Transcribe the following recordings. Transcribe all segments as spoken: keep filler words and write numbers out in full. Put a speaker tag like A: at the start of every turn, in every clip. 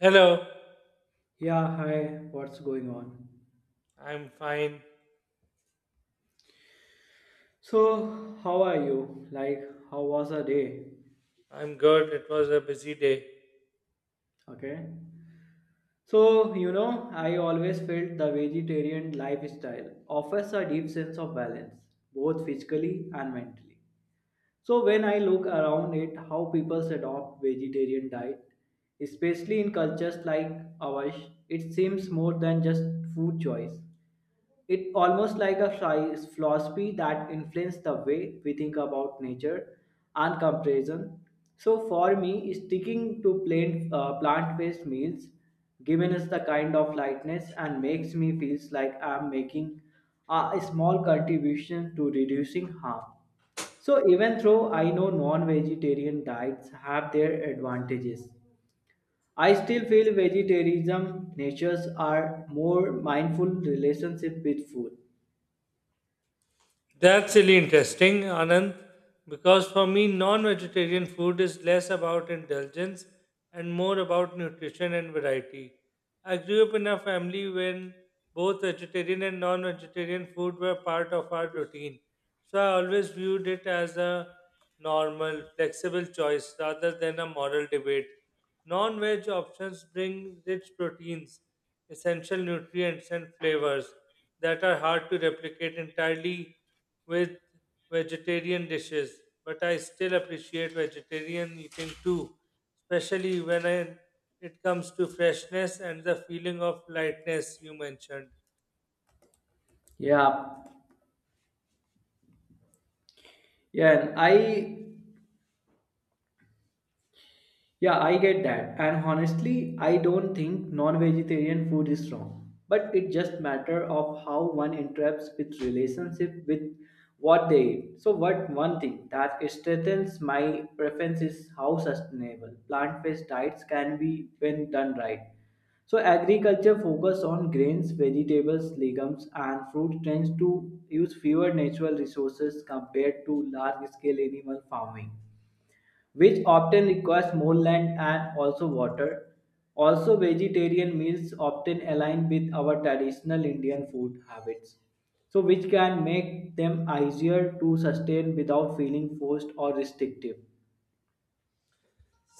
A: Hello,
B: Yeah, hi, what's going on?
A: I'm fine.
B: So, how are you? Like, how was the day?
A: I'm good. It was a busy day.
B: Okay. So, you know, I always felt the vegetarian lifestyle offers a deep sense of balance, both physically and mentally. So, when I look around it, how people adopt vegetarian diet, especially in cultures like ours, it seems more than just food choice. It almost like a phi- philosophy that influenced the way we think about nature and comparison. So for me, sticking to plain uh, plant-based meals given us the kind of lightness and makes me feels like I'm making a small contribution to reducing harm. So even though I know non-vegetarian diets have their advantages, I still feel vegetarianism natures are more mindful relationship with food.
A: That's really interesting, Anand, because for me, non vegetarian food is less about indulgence and more about nutrition and variety. I grew up in a family when both vegetarian and non vegetarian food were part of our routine. So I always viewed it as a normal, flexible choice rather than a moral debate. Non veg options bring rich proteins, essential nutrients, and flavors that are hard to replicate entirely with vegetarian dishes, but I still appreciate vegetarian eating too, especially when I, it comes to freshness and the feeling of lightness you mentioned.
B: Yeah, yeah, and I yeah, I get that. And honestly, I don't think non-vegetarian food is wrong. But it just matter of how one interacts with relationship with what they eat. So what one thing that strengthens my preference is how sustainable plant-based diets can be when done right. So agriculture focus on grains, vegetables, legumes and fruit tends to use fewer natural resources compared to large scale animal farming, which often requires more land and also water. Also, vegetarian meals often align with our traditional Indian food habits, so which can make them easier to sustain without feeling forced or restrictive.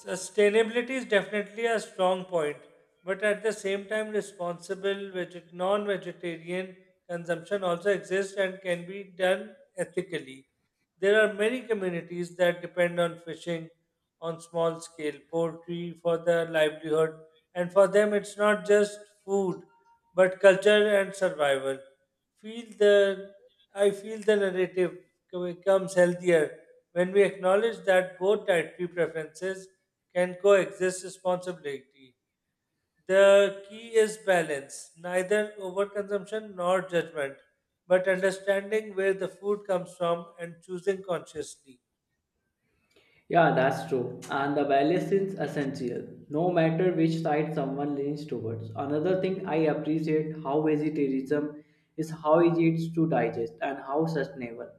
A: Sustainability is definitely a strong point, but at the same time, responsible veget- non vegetarian consumption also exists and can be done ethically. There are many communities that depend on fishing on small scale poultry for their livelihood, and for them, it's not just food but culture and survival feel the I feel the narrative co- becomes healthier when we acknowledge that both dietary preferences can coexist responsibly. The key is balance, neither overconsumption nor judgment, but understanding where the food comes from and choosing consciously.
B: Yeah, that's true. And the balance is essential, no matter which side someone leans towards. Another thing I appreciate how vegetarianism is how easy it's to digest and how sustainable.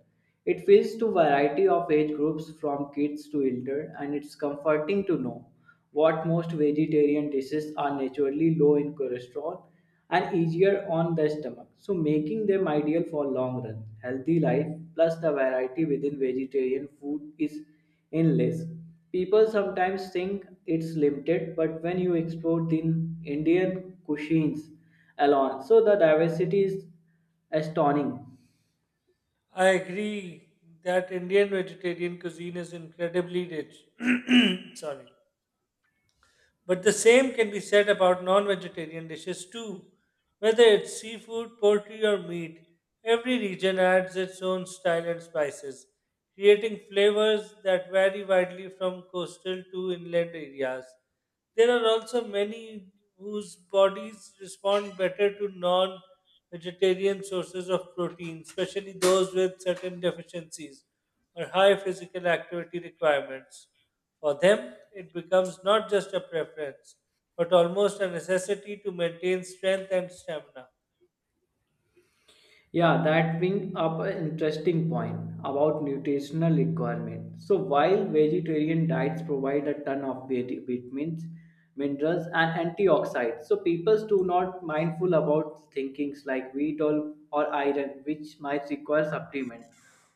B: It feeds to variety of age groups from kids to elder and it's comforting to know what most vegetarian dishes are naturally low in cholesterol and easier on the stomach. So making them ideal for long run healthy life plus the variety within vegetarian food is endless. People sometimes think it's limited, but when you explore the Indian cuisines alone, so the diversity is astonishing.
A: I agree that Indian vegetarian cuisine is incredibly rich. Sorry. But the same can be said about non vegetarian dishes too. Whether it's seafood, poultry, or meat, every region adds its own style and spices, creating flavors that vary widely from coastal to inland areas. There are also many whose bodies respond better to non vegetarian sources of protein, especially those with certain deficiencies or high physical activity requirements. For them, it becomes not just a preference, but almost a necessity to maintain strength and stamina.
B: Yeah, that brings up an interesting point about nutritional requirement. So while vegetarian diets provide a ton of vit- vitamins, minerals, and antioxidants, so people do not mindful about thinkings like wheat or, or iron, which might require supplement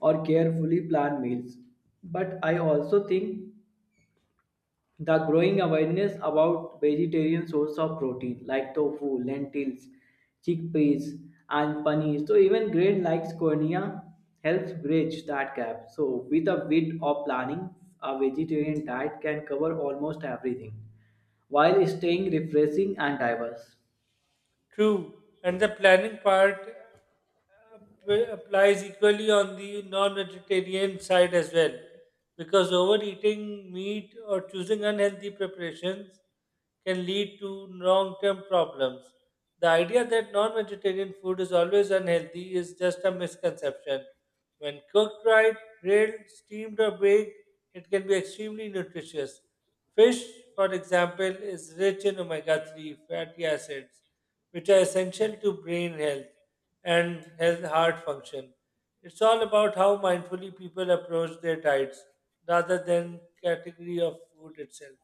B: or carefully planned meals. But I also think the growing awareness about vegetarian source of protein like tofu, lentils, chickpeas, and paneer. So even grain like cornea helps bridge that gap. So with a bit of planning, a vegetarian diet can cover almost everything while staying refreshing and diverse.
A: True, and the planning part app- applies equally on the non-vegetarian side as well, because overeating meat or choosing unhealthy preparations can lead to long-term problems. The idea that non-vegetarian food is always unhealthy is just a misconception. When cooked right, grilled, steamed, or baked, it can be extremely nutritious. Fish, for example, is rich in omega three fatty acids which are essential to brain health and health heart function. It's all about how mindfully people approach their diets rather than category of food itself.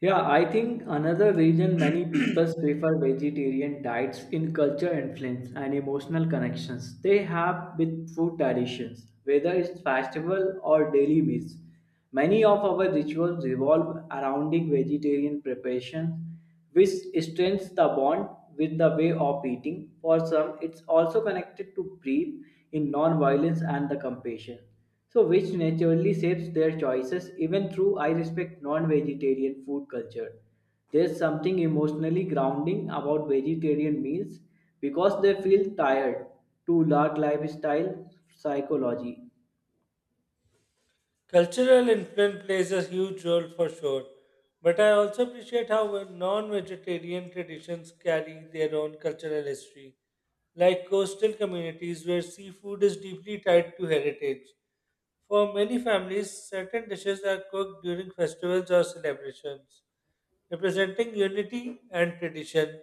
B: Yeah, I think another reason many people prefer vegetarian diets in culture influence and emotional connections they have with food traditions, whether it's festival or daily meals. Many of our rituals revolve around the vegetarian preparations which strengthens the bond with the way of eating. For some, it's also connected to belief in non-violence and the compassion, so which naturally shapes their choices. Even through I respect non-vegetarian food culture, there's something emotionally grounding about vegetarian meals because they feel tired to large lifestyle psychology.
A: Cultural influence plays a huge role for sure, but I also appreciate how non vegetarian traditions carry their own cultural history, like coastal communities where seafood is deeply tied to heritage. For many families, certain dishes are cooked during festivals or celebrations, representing unity and tradition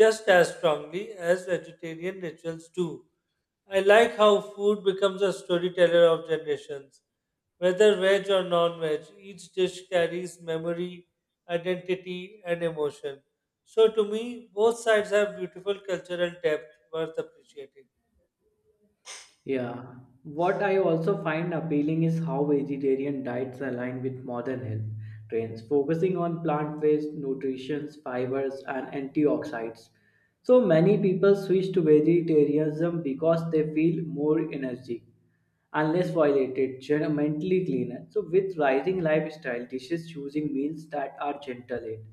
A: just as strongly as vegetarian rituals do. I like how food becomes a storyteller of generations whether veg or non veg, each dish carries memory, identity, and emotion. So, to me, both sides have beautiful cultural depth worth appreciating.
B: Yeah. What I also find appealing is how vegetarian diets align with modern health trends, focusing on plant based nutrition, fibers, and antioxidants. So many people switch to vegetarianism because they feel more energy unless violated, gently cleaner. So, with rising lifestyle dishes, choosing meals that are gentle in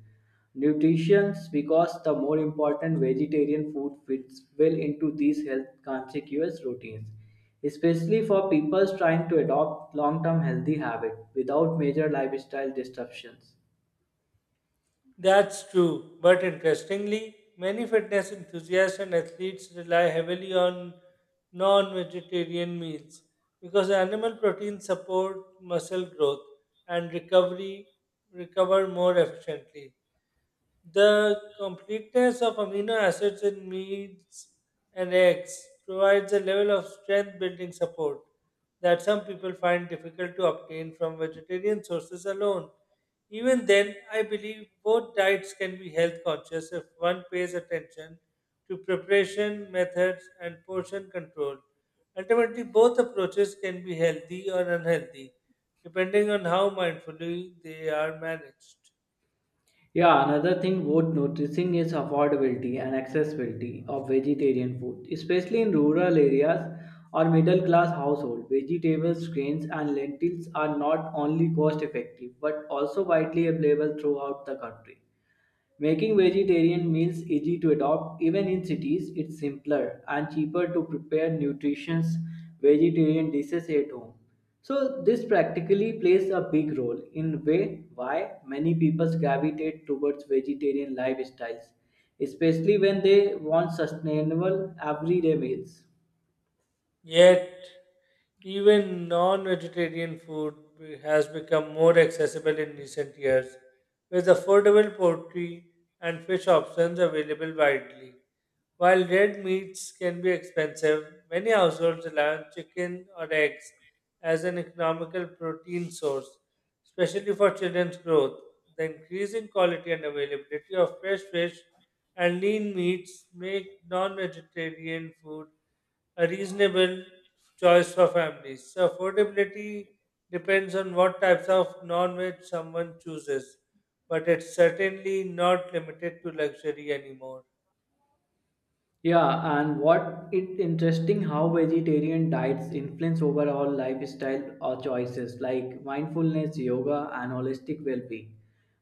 B: nutrition, because the more important vegetarian food fits well into these health conscious routines, especially for people trying to adopt long-term healthy habits without major lifestyle disruptions.
A: That's true, but interestingly, many fitness enthusiasts and athletes rely heavily on non vegetarian meals because animal proteins support muscle growth and recovery recover more efficiently. The completeness of amino acids in meats and eggs provides a level of strength building support that some people find difficult to obtain from vegetarian sources alone. Even then, I believe both diets can be health conscious if one pays attention to preparation, methods, and portion control. Ultimately, both approaches can be healthy or unhealthy, depending on how mindfully they are managed.
B: Yeah, another thing worth noticing is affordability and accessibility of vegetarian food, especially in rural areas or middle class households. Vegetables, grains, and lentils are not only cost effective but also widely available throughout the country. Making vegetarian meals easy to adopt even in cities, it's simpler and cheaper to prepare nutritious vegetarian dishes at home. So this practically plays a big role in way why many people gravitate towards vegetarian lifestyles, especially when they want sustainable everyday meals.
A: Yet, even non vegetarian food be- has become more accessible in recent years, with affordable poultry and fish options available widely. While red meats can be expensive, many households rely on chicken or eggs as an economical protein source, especially for children's growth. The increasing quality and availability of fresh fish and lean meats make non vegetarian food a reasonable choice for families. So affordability depends on what types of non-veg someone chooses, but it's certainly not limited to luxury anymore.
B: Yeah, and what it interesting how vegetarian diets influence overall lifestyle or choices like mindfulness, yoga, and holistic well-being.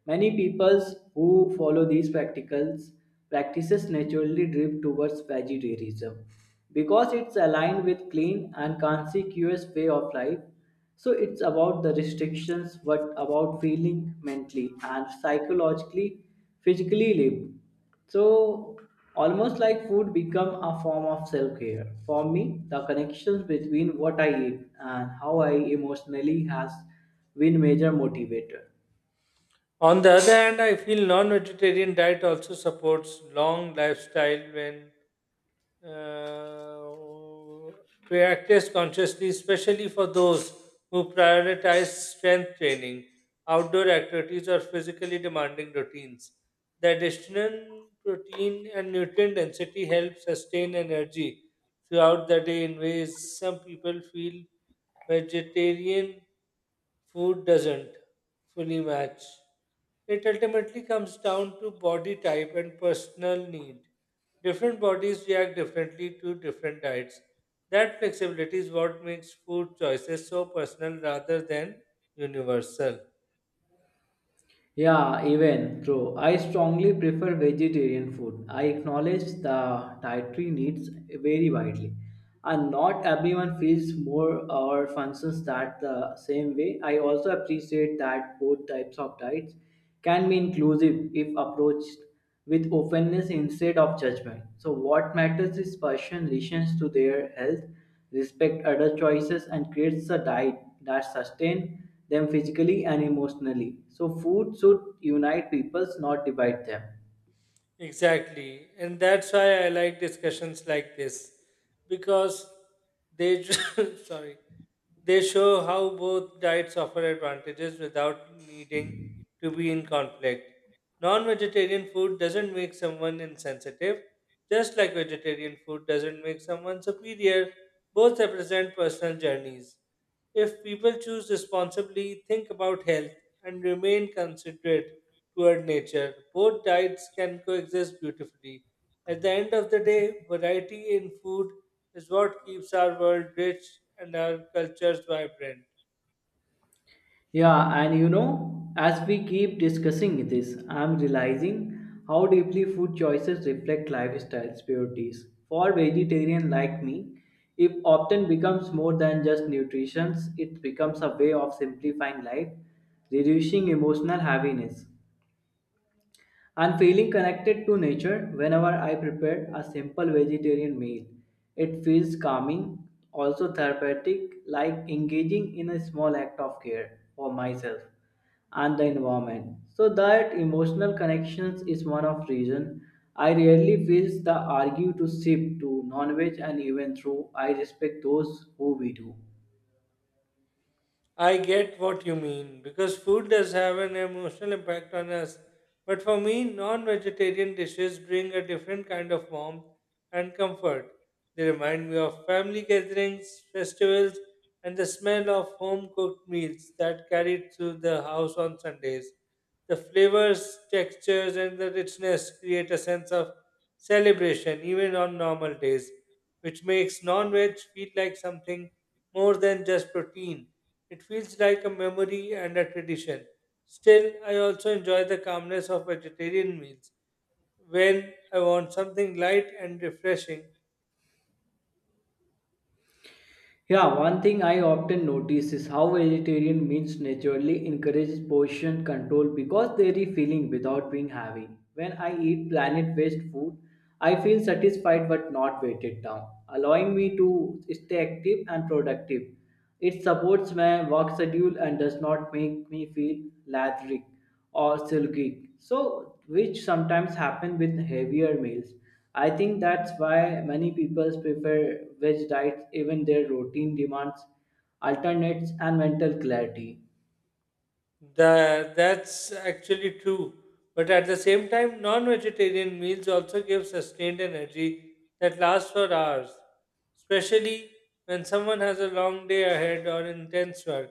B: Many peoples who follow these practicals practices naturally drift towards vegetarianism because it's aligned with clean and conscious way of life. So it's about the restrictions, but about feeling mentally and psychologically, physically live. So almost like food become a form of self-care. For me, the connections between what I eat and how I emotionally has been major motivator.
A: On the other hand, I feel non-vegetarian diet also supports long lifestyle when uh, practice consciously, especially for those who prioritize strength training, outdoor activities, or physically demanding routines. The additional protein and nutrient density help sustain energy throughout the day in ways some people feel vegetarian food doesn't fully match. It ultimately comes down to body type and personal need. Different bodies react differently to different diets. That flexibility is what makes food choices so personal rather than universal.
B: Yeah, even true. I strongly prefer vegetarian food. I acknowledge the dietary needs vary widely, and not everyone feels more or functions that the same way. I also appreciate that both types of diets can be inclusive if approached with openness instead of judgment. So, what matters is person listens to their health respect other choices and creates a diet that sustains them physically and emotionally. So food should unite peoples, not divide them.
A: Exactly. And that's why I like discussions like this because they sorry, they show how both diets offer advantages without needing to be in conflict. Non-vegetarian food doesn't make someone insensitive, just like vegetarian food doesn't make someone superior, both represent personal journeys. If people choose responsibly, think about health, and remain considerate toward nature, both diets can coexist beautifully. At the end of the day, variety in food is what keeps our world rich and our cultures vibrant.
B: Yeah, and you know, as we keep discussing this, I'm realizing how deeply food choices reflect lifestyles priorities. For vegetarian like me, it often becomes more than just nutrition, it becomes a way of simplifying life, reducing emotional heaviness, and feeling connected to nature whenever I prepare a simple vegetarian meal. It feels calming, also therapeutic, like engaging in a small act of care for myself and the environment. So that emotional connections is one of reason I rarely feel the argue to shift to non-veg and even through I respect those who we do.
A: I get what you mean because food does have an emotional impact on us. But for me, non vegetarian dishes bring a different kind of warmth and comfort. They remind me of family gatherings, festivals, and the smell of home cooked meals that carried through the house on Sundays. The flavors, textures, and the richness create a sense of celebration even on normal days, which makes non veg feel like something more than just protein. It feels like a memory and a tradition. Still, I also enjoy the calmness of vegetarian meals when I want something light and refreshing.
B: Yeah, one thing I often notice is how vegetarian meals naturally encourage portion control because they are feeling without being heavy. When I eat planet based food, I feel satisfied but not weighted down, allowing me to stay active and productive. It supports my work schedule and does not make me feel lethargic or silky. So, which sometimes happen with heavier meals. I think that's why many people prefer veg diets even their routine demands alternates and mental clarity.
A: Tha- that's actually true. But at the same time, non vegetarian meals also give sustained energy that lasts for hours, especially when someone has a long day ahead or intense work.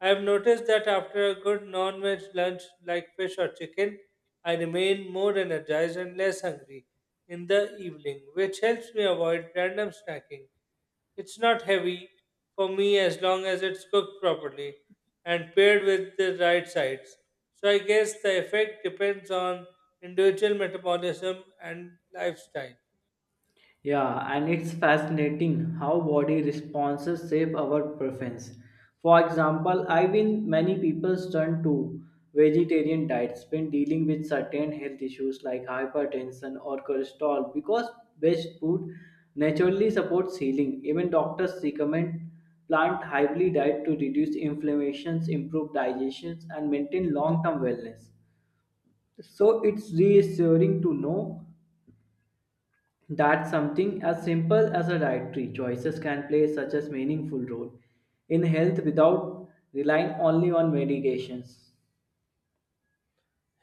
A: I have noticed that after a good non veg lunch like fish or chicken, I remain more energized and less hungry in the evening, which helps me avoid random snacking. It's not heavy for me as long as it's cooked properly and paired with the right sides. So I guess the effect depends on individual metabolism and lifestyle.
B: Yeah, and it's fascinating how body responses shape our preference. For example, I've been many people turn to vegetarian diets when dealing with certain health issues like hypertension or cholesterol because best food naturally supports healing. Even doctors recommend plant hybrid diet to reduce inflammations, improve digestions, and maintain long-term wellness. So it's reassuring to know that something as simple as a dietary choices can play such a meaningful role in health without relying only on medications.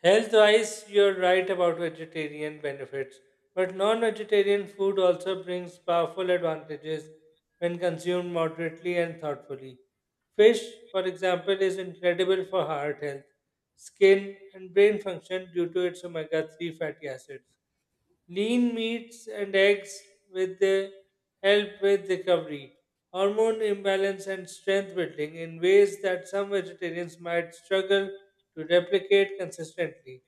A: Health wise, you're right about vegetarian benefits, but non vegetarian food also brings powerful advantages when consumed moderately and thoughtfully. Fish, for example, is incredible for heart health, skin, and brain function due to its omega three fatty acids. Lean meats and eggs with the help with recovery, hormone imbalance, and strength building in ways that some vegetarians might struggle to replicate consistently.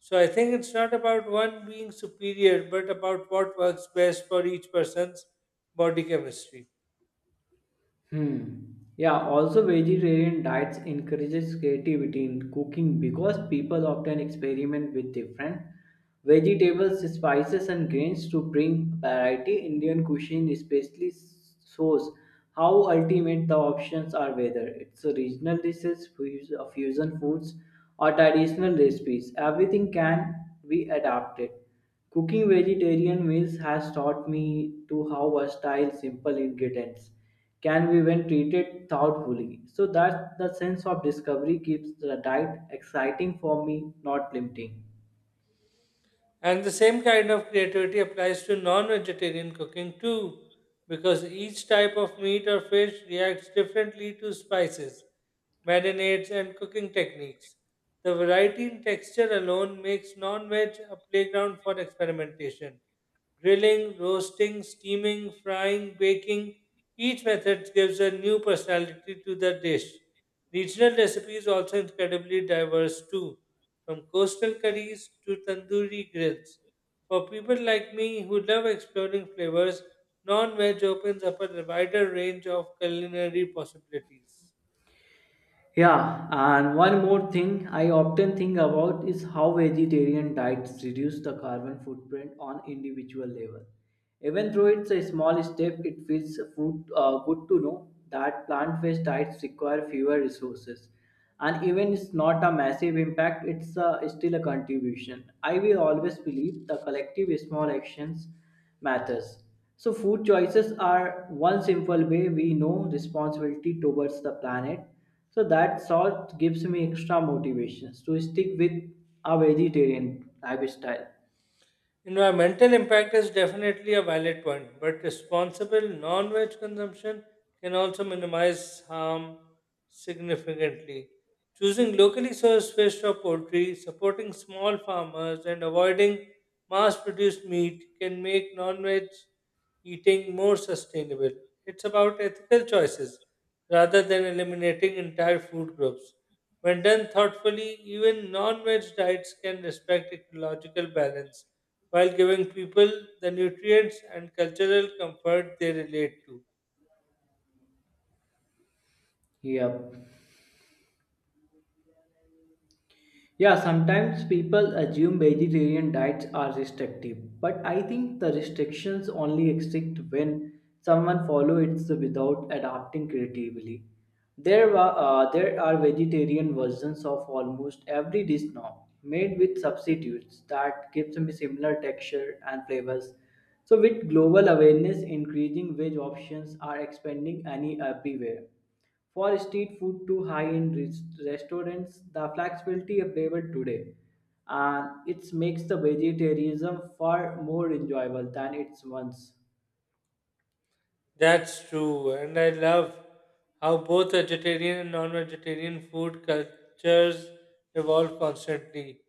A: So I think it's not about one being superior, but about what works best for each person's body chemistry.
B: Hmm. Yeah, also vegetarian diets encourages creativity in cooking because people often experiment with different vegetables, spices and grains to bring variety. Indian cuisine especially shows how ultimate the options are whether it's a regional dishes, fus- uh, fusion foods or traditional recipes. Everything can be adapted. Cooking vegetarian meals has taught me to how versatile simple ingredients can be when treated thoughtfully. So that the sense of discovery keeps the diet exciting for me, not limiting.
A: And the same kind of creativity applies to non vegetarian cooking too, because each type of meat or fish reacts differently to spices, marinades, and cooking techniques. The variety in texture alone makes non veg a playground for experimentation. Grilling, roasting, steaming, frying, baking, each method gives a new personality to the dish. Regional recipes also incredibly diverse too, from coastal curries to tandoori grills. For people like me who love exploring flavors, non-veg opens up a wider range of culinary possibilities.
B: Yeah, and one more thing I often think about is how vegetarian diets reduce the carbon footprint on individual level. Even though it's a small step, it feels food, uh, good to know that plant-based diets require fewer resources and even it's not a massive impact it's uh, still a contribution. I will always believe the collective small actions matters. So food choices are one simple way we know responsibility towards the planet. So that salt gives me extra motivations to stick with a vegetarian lifestyle.
A: Environmental impact is definitely a valid point, but responsible non veg consumption can also minimize harm significantly. Choosing locally sourced fish or poultry, supporting small farmers, and avoiding mass produced meat can make non veg eating more sustainable. It's about ethical choices rather than eliminating entire food groups. When done thoughtfully, even non veg diets can respect ecological balance while giving people the nutrients and cultural comfort they relate to.
B: yeah Yeah, sometimes people assume vegetarian diets are restrictive, but I think the restrictions only exist when someone follows it without adapting creatively. There are, uh, there are vegetarian versions of almost every dish now, made with substitutes that give them a similar texture and flavors. So, with global awareness increasing, veg options are expanding any uh, everywhere. For street food to high-end res- restaurants, the flexibility available today, and it makes the vegetarianism far more enjoyable than it once.
A: That's true, and I love how both vegetarian and non vegetarian food cultures evolve constantly.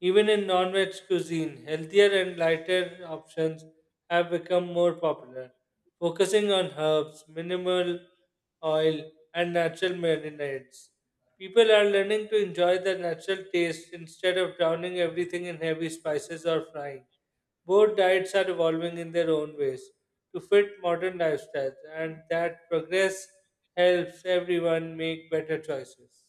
A: Even in non veg cuisine, healthier and lighter options have become more popular, focusing on herbs, minimal oil, and natural marinades. People are learning to enjoy the natural taste instead of drowning everything in heavy spices or frying. Both diets are evolving in their own ways to fit modern lifestyles, and that progress helps everyone make better choices.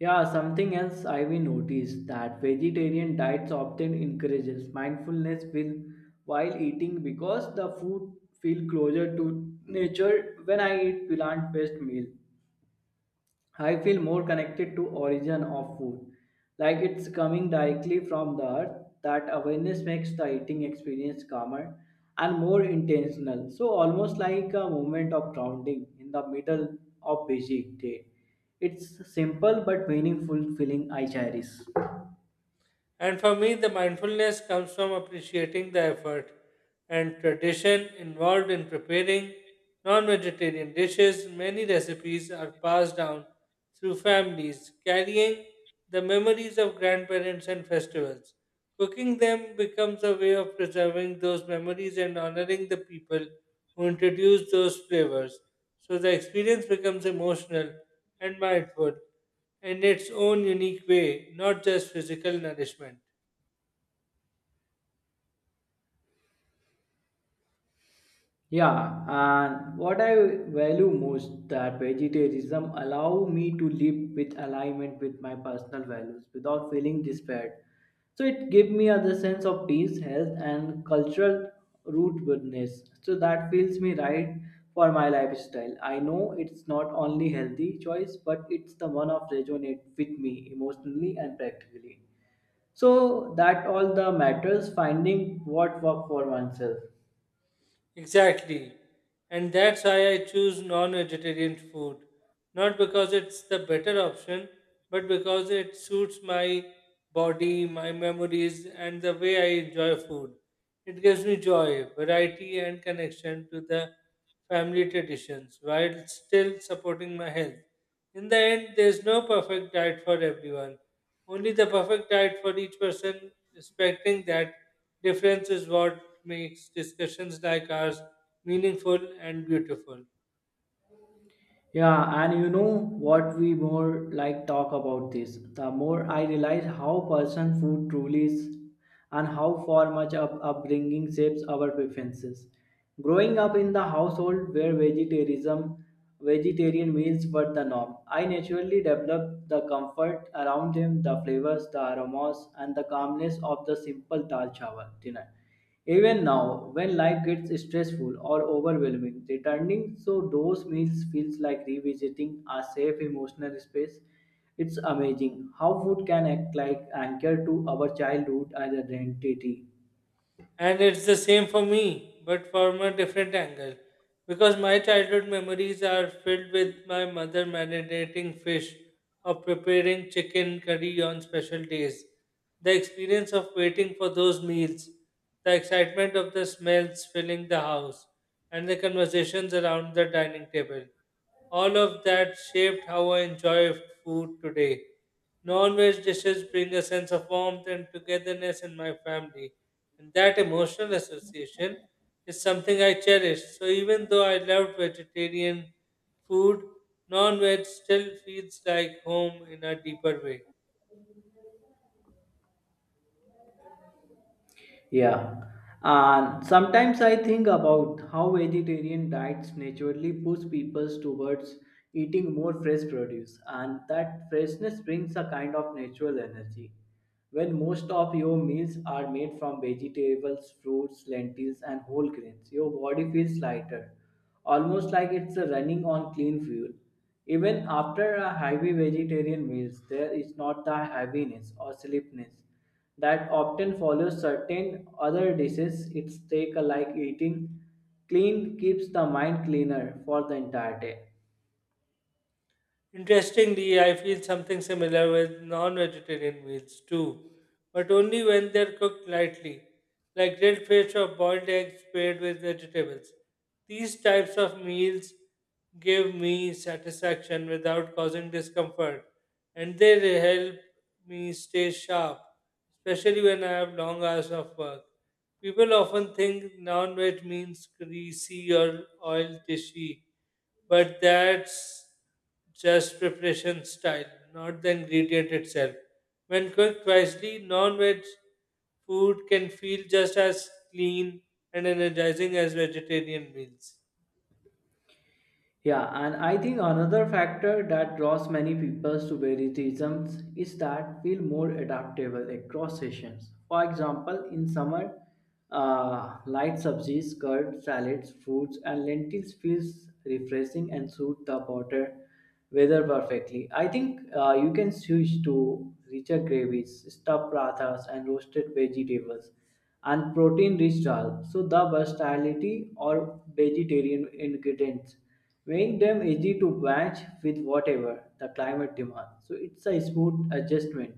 B: Yeah, something else I've noticed that vegetarian diets often encourages mindfulness will- while eating because the food feel closer to nature when I eat plant-based meal. I feel more connected to origin of food, like it's coming directly from the earth. That awareness makes the eating experience calmer and more intentional. So almost like a moment of grounding in the middle of busy day. It's simple but meaningful feeling I cherish.
A: And for me, the mindfulness comes from appreciating the effort and tradition involved in preparing non vegetarian dishes. Many recipes are passed down through families, carrying the memories of grandparents and festivals. Cooking them becomes a way of preserving those memories and honoring the people who introduced those flavors. So the experience becomes emotional and mindful in its own unique way, not just physical nourishment.
B: Yeah, and what I value most that vegetarianism allow me to live with alignment with my personal values without feeling despaired. So it gave me other sense of peace, health, and cultural rootedness. So that feels me right for my lifestyle. I know it's not only healthy choice, but it's the one of resonate with me emotionally and practically. So that all the matters finding what work for oneself.
A: Exactly. And that's why I choose non vegetarian food. Not because it's the better option, but because it suits my body, my memories, and the way I enjoy food. It gives me joy, variety, and connection to the family traditions while still supporting my health. In the end, there's no perfect diet for everyone. Only the perfect diet for each person, respecting that difference, is what makes discussions like ours meaningful and beautiful.
B: Yeah, and you know what we more like talk about this, the more I realize how person food truly is and how far much up upbringing shapes our preferences. Growing up in the household where vegetarianism, vegetarian meals were the norm, I naturally developed the comfort around them, the flavors, the aromas, and the calmness of the simple dal chawal dinner. Even now, when life gets stressful or overwhelming, returning to those meals feels like revisiting a safe emotional space. It's amazing how food can act like anchor to our childhood and identity.
A: And it's the same for me, but from a different angle. Because my childhood memories are filled with my mother marinating fish or preparing chicken curry on special days. The experience of waiting for those meals, the excitement of the smells filling the house, and the conversations around the dining table. All of that shaped how I enjoy food today. Non-veg dishes bring a sense of warmth and togetherness in my family, and that emotional association is something I cherish. So even though I loved vegetarian food, non veg still feels like home in a deeper way.
B: Yeah. And sometimes I think about how vegetarian diets naturally push people towards eating more fresh produce, and that freshness brings a kind of natural energy when most of your meals are made from vegetables, fruits, lentils, and whole grains, your body feels lighter, almost like it's running on clean fuel. Even after a heavy vegetarian meal, there is not the heaviness or sleepiness that often follows certain other dishes. It's take like eating clean keeps the mind cleaner for the entire day.
A: Interestingly, I feel something similar with non vegetarian meals too, but only when they're cooked lightly, like grilled fish or boiled eggs paired with vegetables. These types of meals give me satisfaction without causing discomfort, and they re- help me stay sharp, especially when I have long hours of work. People often think non veg means greasy or oil dishy, but that's just preparation style, not the ingredient itself. When cooked wisely, non veg food can feel just as clean and energizing as vegetarian meals.
B: Yeah, and I think another factor that draws many people to vegetarianism is that feel more adaptable across seasons. For example, in summer, uh, light subsies, curd, salads, fruits, and lentils feels refreshing and suit the body weather perfectly. I think uh, you can switch to richer gravies, stuffed pratas, and roasted vegetables, and protein-rich dal. So the versatility or vegetarian ingredients make them easy to match with whatever the climate demands. So it's a smooth adjustment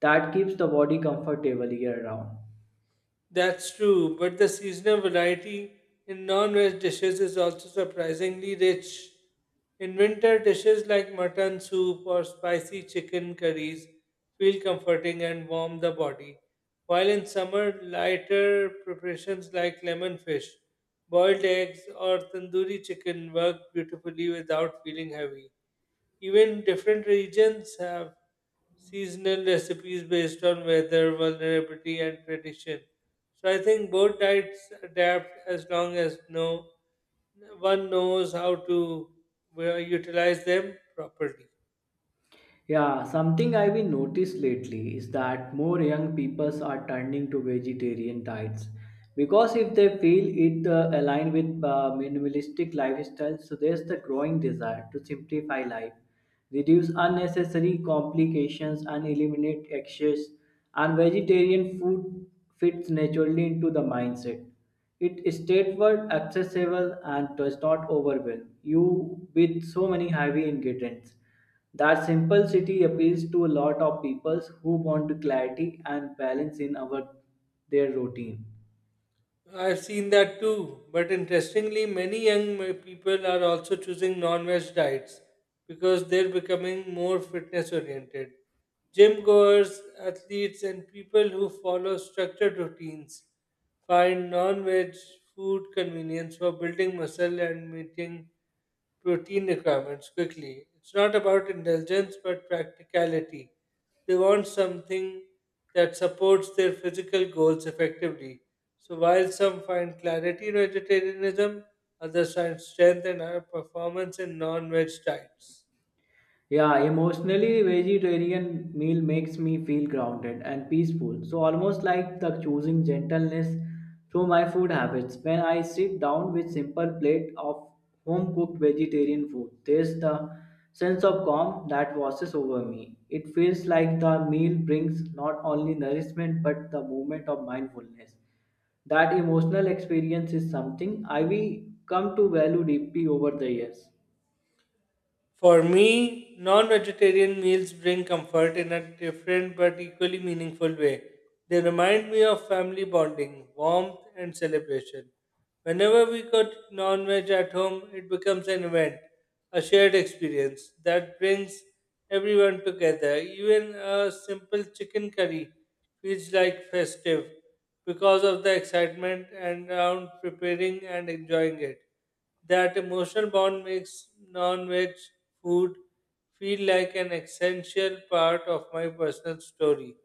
B: that keeps the body comfortable year round.
A: That's true, but the seasonal variety in non veg dishes is also surprisingly rich. In winter, dishes like mutton soup or spicy chicken curries feel comforting and warm the body, while in summer, lighter preparations like lemon fish, boiled eggs, or tandoori chicken work beautifully without feeling heavy. Even different regions have seasonal recipes based on weather, vulnerability, and tradition. So I think both diets adapt as long as no one knows how to well, utilize them properly.
B: Yeah, something I've been noticed lately is that more young peoples are turning to vegetarian diets because if they feel it uh, aligned with uh, minimalistic lifestyle, so there's the growing desire to simplify life, reduce unnecessary complications, and eliminate excess. And vegetarian food fits naturally into the mindset. It is straightforward, accessible, and does not overwhelm you with so many heavy ingredients. That simplicity appeals to a lot of people who want clarity and balance in our their routine.
A: I've seen that too, but interestingly, many young ma- people are also choosing non veg diets because they're becoming more fitness oriented. Gym goers, athletes, and people who follow structured routines find non veg food convenience for building muscle and meeting protein requirements quickly. It's not about indulgence but practicality. They want something that supports their physical goals effectively. So while some find clarity in vegetarianism, others find strength and higher performance in non-veg diets.
B: Yeah, emotionally vegetarian meal makes me feel grounded and peaceful. So almost like the choosing gentleness through my food habits. When I sit down with simple plate of home cooked vegetarian food, there's the sense of calm that washes over me. It feels like the meal brings not only nourishment but the moment of mindfulness. That emotional experience is something I will come to value deeply over the years.
A: For me, non vegetarian meals bring comfort in a different but equally meaningful way. They remind me of family bonding, warmth, and celebration. Whenever we cook non veg at home, it becomes an event, a shared experience that brings everyone together. Even a simple chicken curry feels like festive because of the excitement and around preparing and enjoying it. That emotional bond makes non veg food feel like an essential part of my personal story.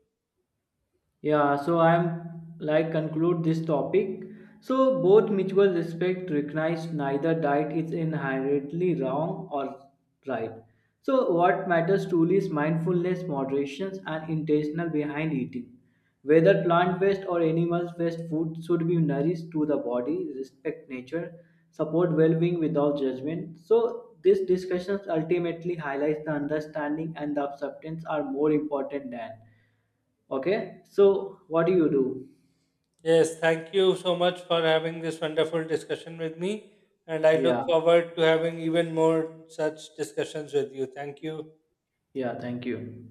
B: Yeah, so I'm like conclude this topic. So both mutual respect recognize neither diet is inherently wrong or right. So what matters truly is mindfulness, moderation, and intentional behind eating. Whether plant-based or animal-based food should be nourished to the body, respect nature, support well-being without judgment. So these discussions ultimately highlights the understanding and the acceptance are more important than. Okay, so what do you do?
A: Yes, thank you so much for having this wonderful discussion with me. And I look
B: Yeah,
A: forward to having even more such discussions with you. Thank you.
B: yeah, thank you.